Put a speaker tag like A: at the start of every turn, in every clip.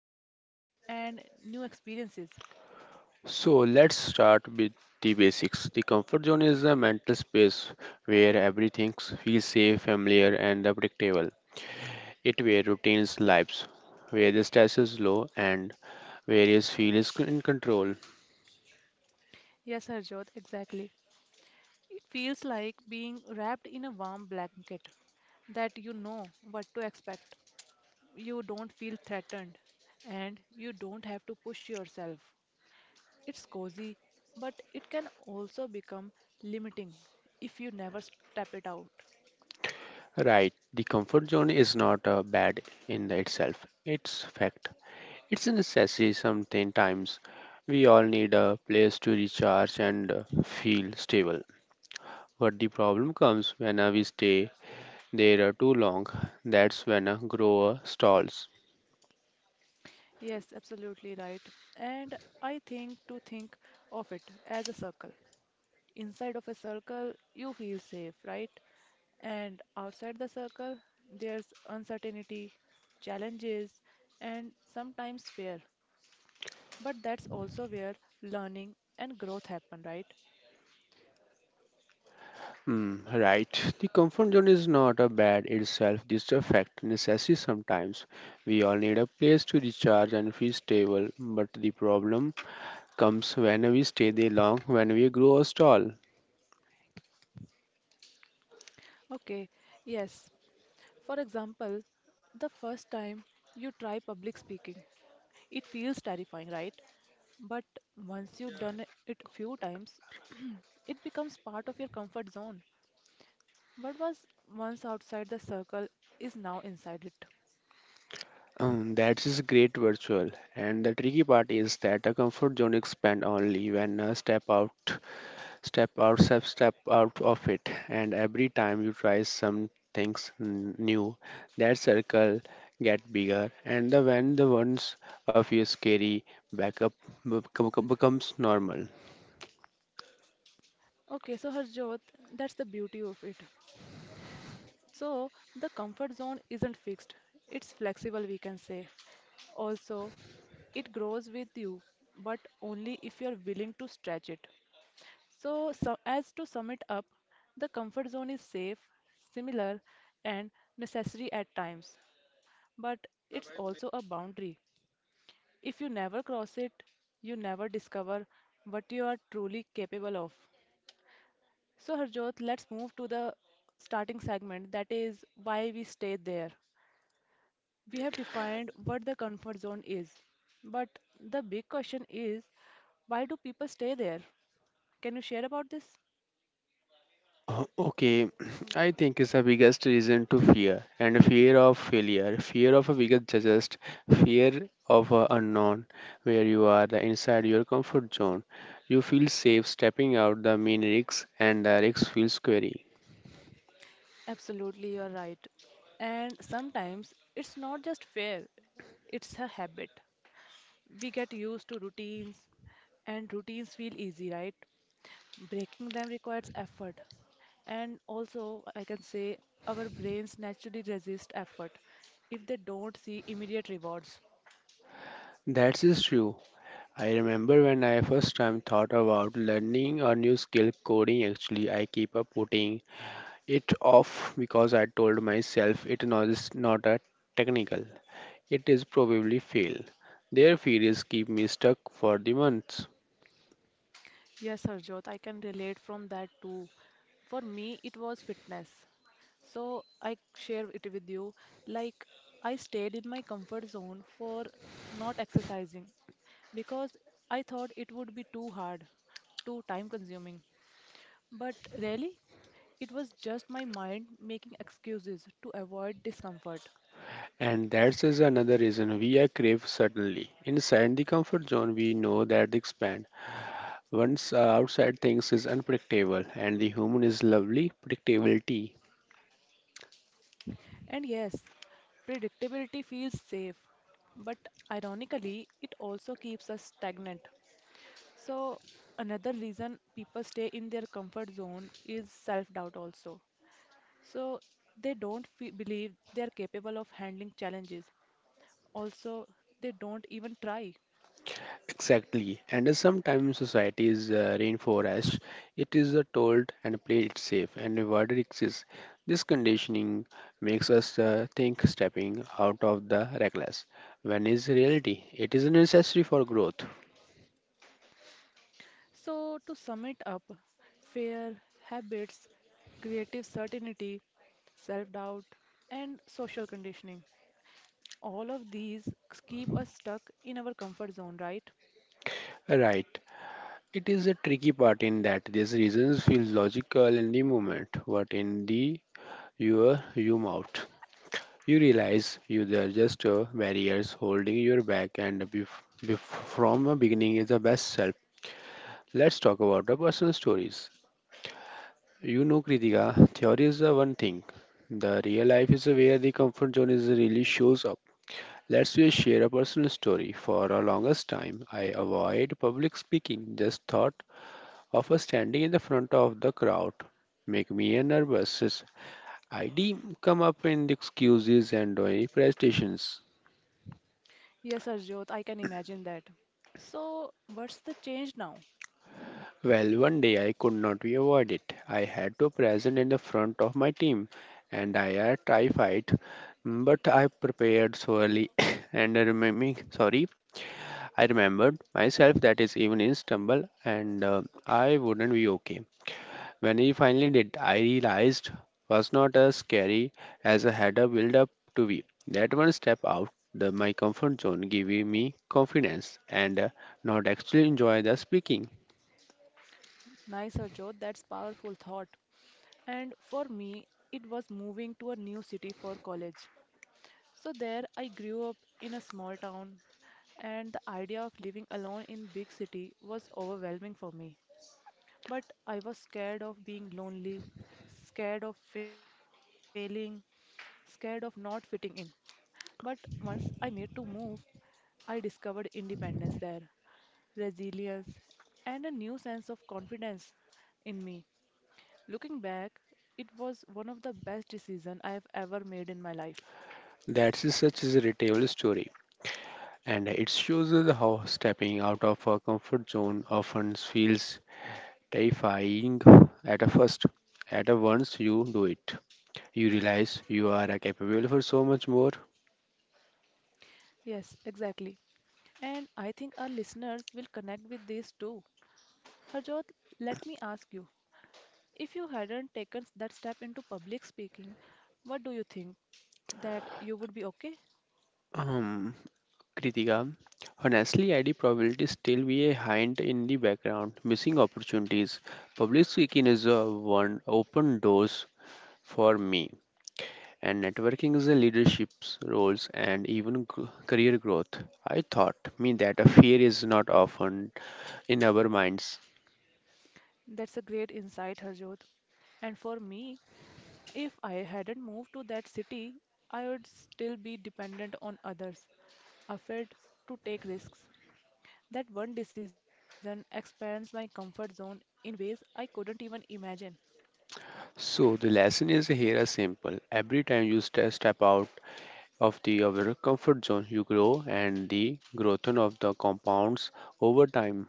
A: opportunities, and new experiences.
B: So let's start with the basics. The comfort zone is a mental space where everything feels safe, familiar and predictable. It where routines lives, where the stress is low and where you feel is in control.
A: Yes, Harjot, exactly. It feels like being wrapped in a warm blanket that you know what to expect. You don't feel threatened, and you don't have to push yourself. It's cozy, but it can also become limiting if you never step it out.
B: Right, the comfort zone is not bad in the itself. It's fact. It's a necessity sometimes. We all need a place to recharge and feel stable. But the problem comes when we stay there too long. That's when a grower stalls.
A: Yes, absolutely right. And I think of it as a circle. Inside of a circle, you feel safe, right? And outside the circle, there's uncertainty, challenges, and sometimes fear. But that's also where learning and growth happen, right?
B: Mm, right. The comfort zone is not a bad itself, just a fact, necessity sometimes. We all need a place to recharge and feel stable, but the problem comes when we stay there long, when we grow or stall.
A: Okay, yes. For example, the first time you try public speaking, it feels terrifying, right? But once you've done it a few times, it becomes part of your comfort zone. What was once outside the circle is now inside it.
B: That is great virtual. And the tricky part is that a comfort zone expand only when a step out, step out, step out of it. And every time you try some things new, that circle get bigger. And the when the ones of you scary backup becomes normal.
A: Okay, so Harjot, that's the beauty of it. So the comfort zone isn't fixed, it's flexible, we can say. Also, it grows with you, but only if you're willing to stretch it. As to sum it up, the comfort zone is safe, similar, and necessary at times, but it's also a boundary. If you never cross it, you never discover what you are truly capable of. So, Harjot, let's move to the starting segment that is why we stay there. We have defined what the comfort zone is, but the big question is why do people stay there? Can you share about this?
B: Okay, I think it's the biggest reason to fear and fear of failure, fear of a biggest judgest, fear of a unknown, where you are the inside your comfort zone. You feel safe stepping out the main risks and the risks feel scary.
A: Absolutely, you're right. And sometimes it's not just fair, it's a habit. We get used to routines, and routines feel easy, right? Breaking them requires effort. And also, I can say our brains naturally resist effort if they don't see immediate rewards.
B: That is true. I remember when I first time thought about learning a new skill coding actually I keep up putting it off because I told myself it is not a technical. It is probably failed. Their fears keep me stuck for the months.
A: Yes, Harjot, I can relate from that too. For me, it was fitness. So I share it with you. Like I stayed in my comfort zone for not exercising because I thought it would be too hard, too time consuming. But really, it was just my mind making excuses to avoid discomfort.
B: And that is another reason we are crave suddenly. Inside the comfort zone, we know that the expand. Once outside things is unpredictable, and the human is lovely predictability.
A: And yes, predictability feels safe, but ironically, it also keeps us stagnant. So, another reason people stay in their comfort zone is self doubt, also. So, they don't fe believe they are capable of handling challenges. Also, they don't even try.
B: Exactly, and sometimes society is reinforced. It is told and played it safe, and rewarded exists. This conditioning makes us think stepping out of the reckless. When is reality? It is necessary for growth.
A: So, to sum it up, fear, habits, creative certainty, self doubt, and social conditioning. All of these keep us stuck in our comfort zone, right?
B: Right. It is a tricky part in that these reasons feel logical in the moment, but in the your you mouth, you realize you there are just barriers holding your back, and from a beginning is the best self. Let's talk about the personal stories. You know, Kritika, theory is the one thing. The real life is where the comfort zone is really shows up. Let's just share a personal story. For a longest time, I avoid public speaking. Just thought of a standing in the front of the crowd make me a nervous. Is ID come up in the excuses and doing presentations.
A: Yes, Arjot, I can imagine that. So, what's the change now?
B: Well, one day I could not be avoided. I had to present in the front of my team, and I are terrified. But I prepared so early, and I remember, sorry, I remembered myself that is even in stumble, and I wouldn't be okay. When I finally did, I realized was not as scary as I had a build up to be. That one step out the my comfort zone giving me confidence, and not actually enjoy the speaking.
A: Nice, Harjot. That's powerful thought. And for me, it was moving to a new city for college. So there I grew up in a small town and the idea of living alone in big city was overwhelming for me. But I was scared of being lonely, scared of failing, scared of not fitting in. But once I made to move, I discovered independence there, resilience, and a new sense of confidence in me. Looking back, it was one of the best decisions I have ever made in my life.
B: Such is a relatable story, and it shows us how stepping out of our comfort zone often feels terrifying at a first. At a once you do it, you realize you are capable for so much more.
A: Yes, exactly. And I think our listeners will connect with this too. Harjot, let me ask you if you hadn't taken that step into public speaking, what do you think? That you would be okay?
B: Um, Kritika, honestly, ID probability still be a hind in the background, missing opportunities. Public speaking is a one open doors for me and networking is a leadership roles and even career growth. I thought me that a fear is not often in our minds.
A: That's a great insight, Harjot. And for me, if I hadn't moved to that city, I would still be dependent on others, afraid to take risks. That one decision expands my comfort zone in ways I couldn't even imagine.
B: So the lesson is here is simple. Every time you step out of the our comfort zone, you grow, and the growth of the compounds over time.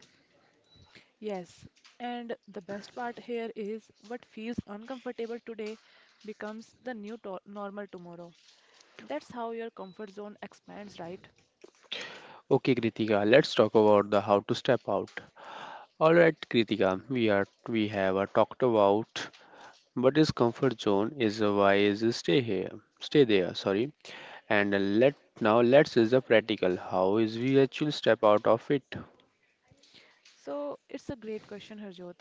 A: Yes, and the best part here is what feels uncomfortable today becomes the new to normal tomorrow. That's how your comfort zone expands, right?
B: Okay, Kritika, let's talk about the how to step out. All right, Kritika, we have talked about what is comfort zone is why is it stay here, stay there. Sorry. And let Now let's is the practical. How is we actually step out of it?
A: So it's a great question, Harjot.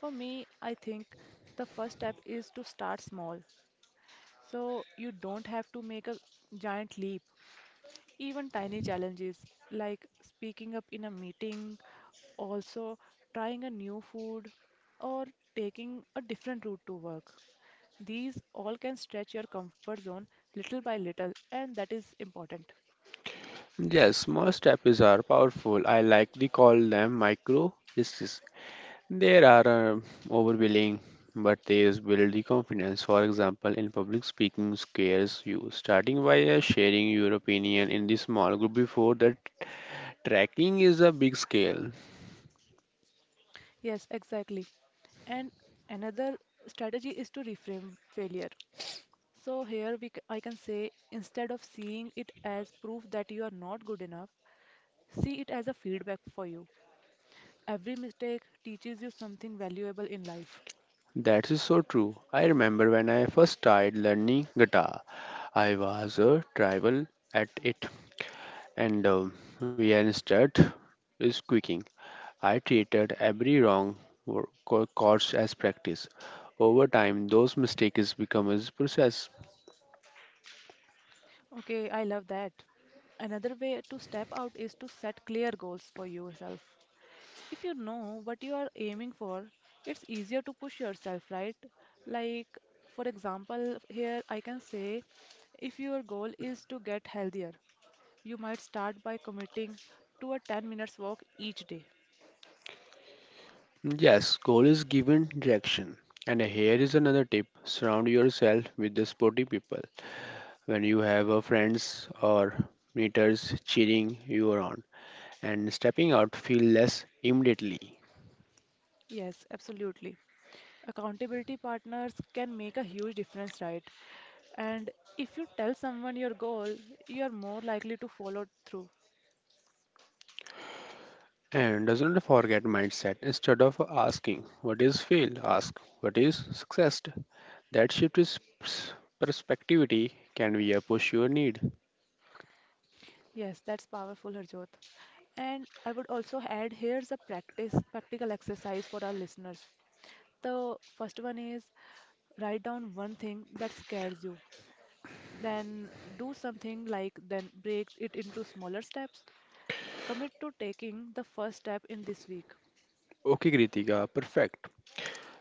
A: For me, I think the first step is to start small. So you don't have to make a giant leap. Even tiny challenges like speaking up in a meeting, also trying a new food or taking a different route to work. These all can stretch your comfort zone little by little, and that is important.
B: Yes, small steps are powerful. I like to call them micro steps. There are overwhelming, but they is build the confidence. For example, in public speaking scares you. Starting by sharing your opinion in the small group before that tracking is a big scale.
A: Yes, exactly. And another strategy is to reframe failure. So here I can say instead of seeing it as proof that you are not good enough, see it as a feedback for you. Every mistake teaches you something valuable in life.
B: That is so true. I remember when I first started learning guitar, I was a tribal at it and we instead is quicking. I treated every course as practice. Over time, those mistakes become as process.
A: Okay, I love that. Another way to step out is to set clear goals for yourself. If you know what you are aiming for, it's easier to push yourself, right? Like, for example, here I can say if your goal is to get healthier, you might start by committing to a 10 minutes walk each day.
B: Yes, goal is given direction. And here is another tip: surround yourself with the sporty people. When you have a friends or meters cheering you on, and stepping out feel less immediately.
A: Yes, absolutely. Accountability partners can make a huge difference, right? And if you tell someone your goal, you are more likely to follow through.
B: And doesn't forget mindset. Instead of asking what is fail, ask what is success. That shift is pers- perspectivity can be a push your need.
A: Yes, that's powerful, Harjot. And I would also add here's a practical exercise for our listeners. The first one is write down one thing that scares you. Then do something like then break it into smaller steps. Commit to taking the first step in this week.
B: Okay, Kritika, perfect.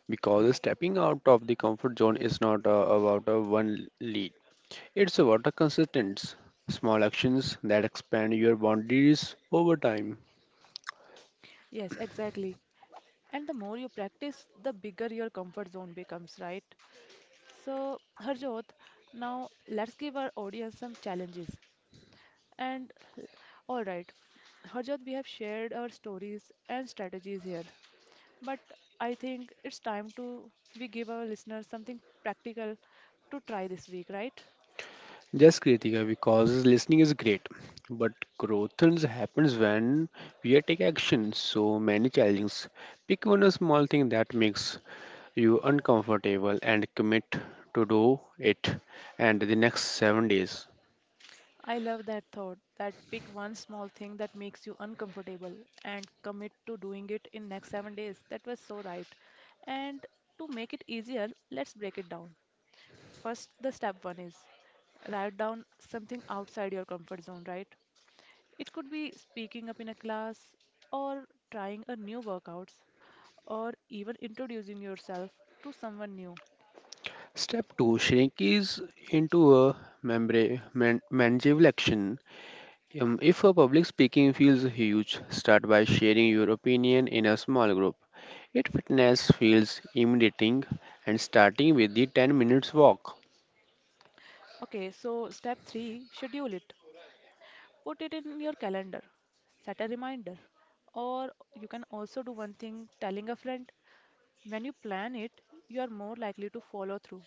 B: Because stepping out of the comfort zone is not about a one lead. It's about a consistent small actions that expand your boundaries over time.
A: Yes, exactly. And the more you practice, the bigger your comfort zone becomes, right? So, Harjot, now let's give our audience some challenges. And all right, Harjot, we have shared our stories and strategies here, but I think it's time to we give our listeners something practical to try this week, right?
B: Yes, Kritika, because listening is great, but growth happens when we take action. So many challenges. Pick one small thing that makes you uncomfortable and commit to do it and the next 7 days.
A: I love that thought that pick one small thing that makes you uncomfortable and commit to doing it in next 7 days. That was so right. And to make it easier, let's break it down. First, the step one is write down something outside your comfort zone, right? It could be speaking up in a class, or trying a new workouts, or even introducing yourself to someone new.
B: Step 2, shrinkies into a manageable action. If a public speaking feels huge, start by sharing your opinion in a small group. If fitness feels intimidating and starting with the 10 minutes walk.
A: Okay, so step 3, schedule it. Put it in your calendar. Set a reminder. Or you can also do one thing, telling a friend. When you plan it, you are more likely to follow through.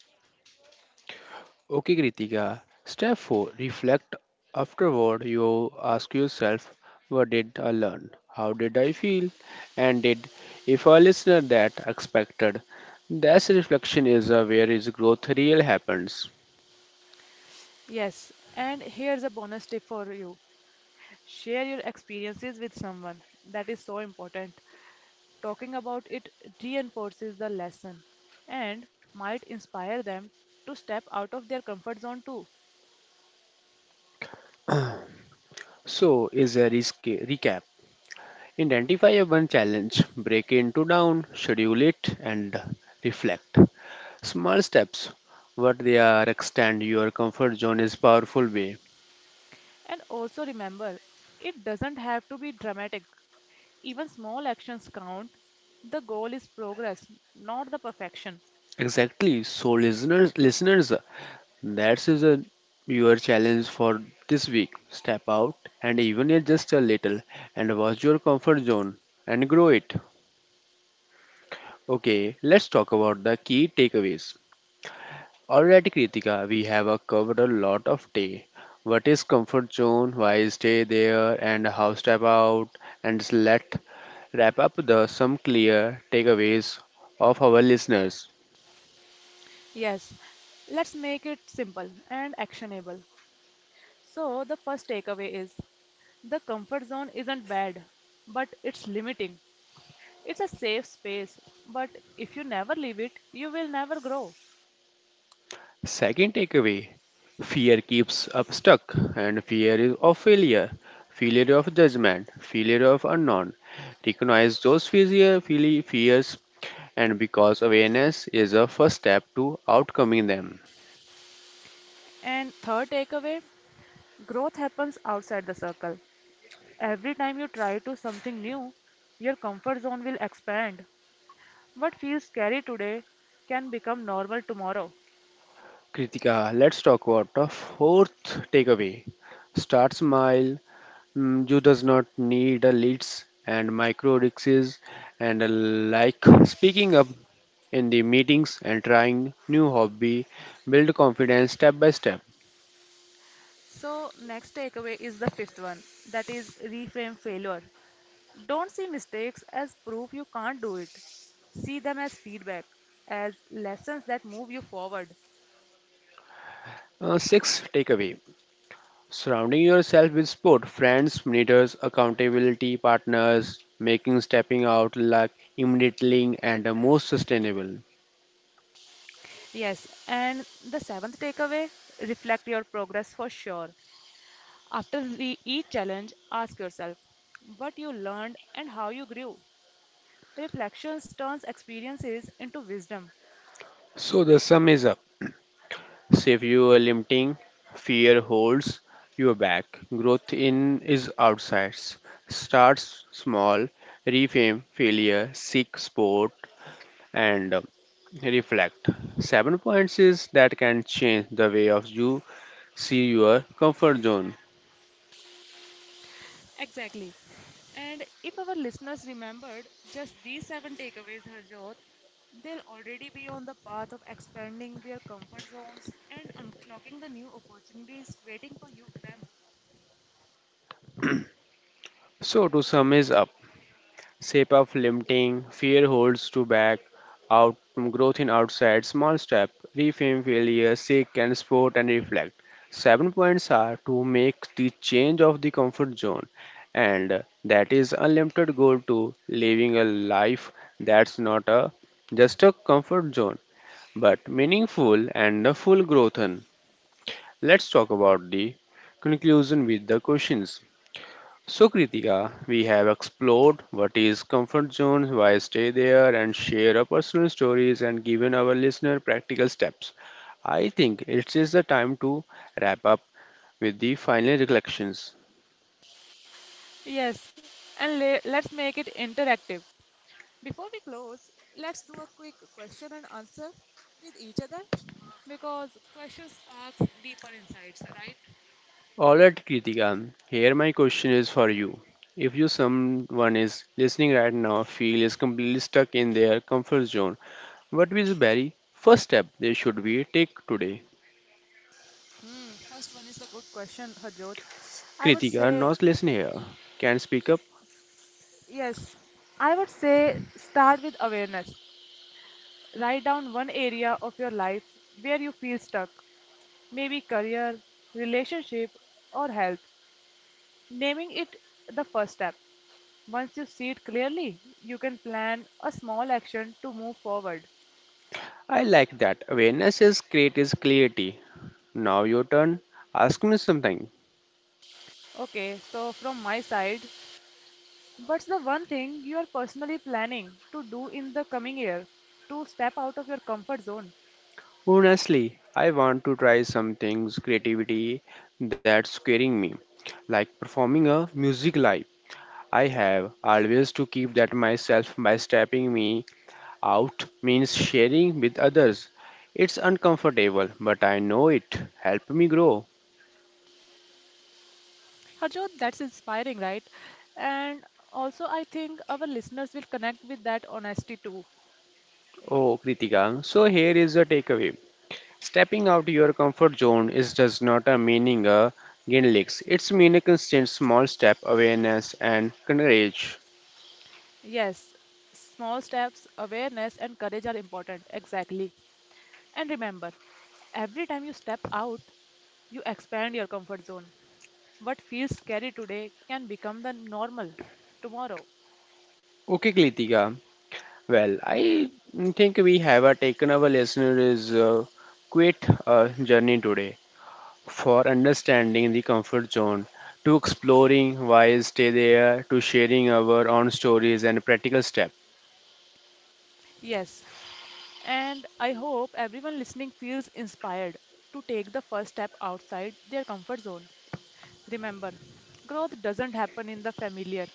B: Okay, Kritika. Step 4, reflect. Afterward, you ask yourself, what did I learn? How did I feel? And did if a listener that expected? That reflection is where is growth real happens.
A: Yes, and here's a bonus tip for you. Share your experiences with someone. That is so important. Talking about it reinforces the lesson and might inspire them to step out of their comfort zone too.
B: So, is a recap. Identify a one challenge, break it into down, schedule it, and reflect. Small steps, what they are, extend your comfort zone is powerful way.
A: And also remember, it doesn't have to be dramatic. Even small actions count. The goal is progress, not the perfection.
B: Exactly. So, listeners, that's is a your challenge for this week. Step out and even if just a little and watch your comfort zone and grow it. Okay, let's talk about the key takeaways. Alright Kritika, we have covered a lot of day. What is comfort zone, why stay there and how step out and let wrap up the some clear takeaways of our listeners.
A: Yes, let's make it simple and actionable. So, the first takeaway is the comfort zone isn't bad, but it's limiting. It's a safe space, but if you never leave it, you will never grow.
B: Second takeaway, fear keeps up stuck, and fear is of failure, failure of judgment, failure of unknown. Recognize those fears, and because awareness is a first step to outcoming them.
A: And third takeaway, growth happens outside the circle. Every time you try to something new, your comfort zone will expand. What feels scary today can become normal tomorrow.
B: Kritika, let's talk about the fourth takeaway. Start smile. You does not need a leads and micro riches and like speaking up in the meetings and trying new hobby build confidence step by step.
A: So, next takeaway is the fifth one that is reframe failure. Don't see mistakes as proof you can't do it. See them as feedback, as lessons that move you forward.
B: Six takeaway, surrounding yourself with sport friends mentors accountability partners making stepping out like immediately and the most sustainable.
A: Yes, and the seventh takeaway reflect your progress for sure. After each challenge, ask yourself what you learned and how you grew. Reflections turns experiences into wisdom.
B: So the sum is up. So if you are limiting fear holds you back growth in is outside starts small reframe failure seek sport and reflect. 7 points is that can change the way of you see your comfort zone.
A: Exactly. And if our listeners remembered just these seven takeaways, Harjot, they'll already be on the path of expanding their comfort zones and unlocking the new opportunities waiting for you them.
B: So to sum is up, shape of limiting, fear holds to back, out from growth in outside, small step, reframe failure, seek and sport and reflect. 7 points are to make the change of the comfort zone and that is unlimited goal to living a life that's not a just a comfort zone but meaningful and a full growth. Let's talk about the conclusion with the questions. So, Kritika, we have explored what is comfort zone, why stay there, and share our personal stories and given our listener practical steps. I think it is the time to wrap up with the final reflections.
A: Yes, and let's make it interactive. Before we close, let's do a quick question and answer with each other because questions sparks deeper insights, right?
B: Alright, Kritika, here my question is for you. If you someone is listening right now, feel is completely stuck in their comfort zone, what is the very first step they should be take today?
A: Hmm, first one is a good question, Harjot. I would
B: Kritika,
A: say,
B: not listen here. Can speak up?
A: yes, I would say start with awareness. Write down one area of your life where you feel stuck, maybe career, relationship, or health. Naming it the first step. Once you see it clearly, you can plan a small action to move forward.
B: I like that. Awareness is great is clarity. Now your turn. Ask me something.
A: Okay, so from my side, what's the one thing you are personally planning to do in the coming year to step out of your comfort zone?
B: Honestly, I want to try some things creativity that's scaring me. Like performing a music live. I have always to keep that myself by stepping me out means sharing with others. It's uncomfortable, but I know it. Help me grow.
A: Harjot, that's inspiring, right? And also, I think our listeners will connect with that honesty too.
B: Oh, Kritika. So here is a takeaway. Stepping out your comfort zone is does not a meaning a gain. It's mean a constant small step awareness and courage.
A: Yes, small steps, awareness, and courage are important. Exactly. And remember, every time you step out, you expand your comfort zone. What feels scary today can become the normal tomorrow.
B: Okay, Kritika. Well, I think we have taken our listeners quite a journey today for understanding the comfort zone, to exploring why stay there, to sharing our own stories and practical steps.
A: Yes, and I hope everyone listening feels inspired to take the first step outside their comfort zone. Remember, growth doesn't happen in the familiar,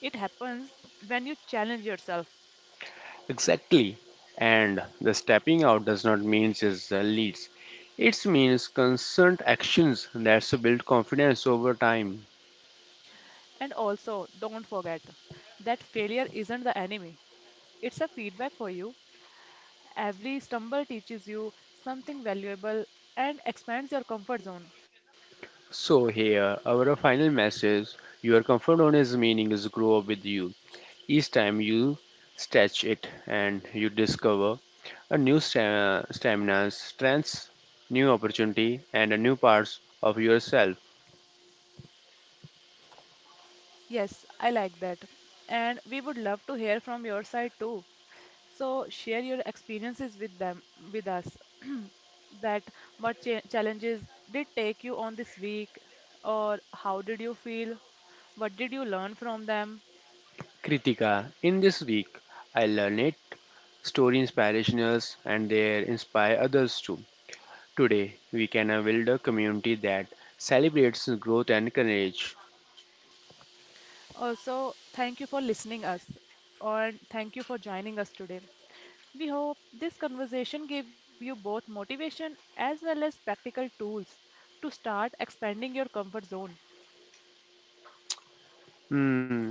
A: it happens when you challenge yourself.
B: Exactly. And the stepping out does not mean just leads. It means constant actions that build confidence over time.
A: And also, don't forget that failure isn't the enemy, it's a feedback for you. Every stumble teaches you something valuable and expands your comfort zone.
B: So here, our final message, your comfort zone is meaning is grow up with you. Each time you stretch it and you discover a new stamina, strengths, new opportunity and a new parts of yourself.
A: Yes, I like that. And we would love to hear from your side too. So share your experiences with them with us. That what challenges did take you on this week, or how did you feel? What did you learn from them?
B: Kritika, in this week, I learned story inspirationals and they inspire others too. Today, we can build a community that celebrates growth and courage.
A: Also, thank you for listening us, or thank you for joining us today. We hope this conversation gave you both motivation as well as practical tools to start expanding your comfort zone.
B: Hmm.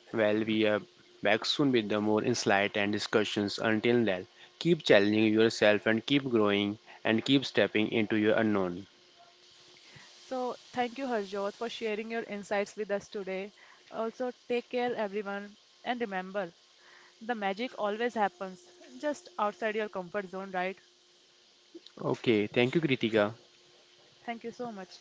B: Well, we are back soon with the more insight and discussions. Until then, keep challenging yourself and keep growing and keep stepping into your unknown.
A: So, thank you, Harjot, for sharing your insights with us today. Also, take care, everyone, and remember the magic always happens just outside your comfort zone, right?
B: Okay, thank you, Kritika.
A: Thank you so much.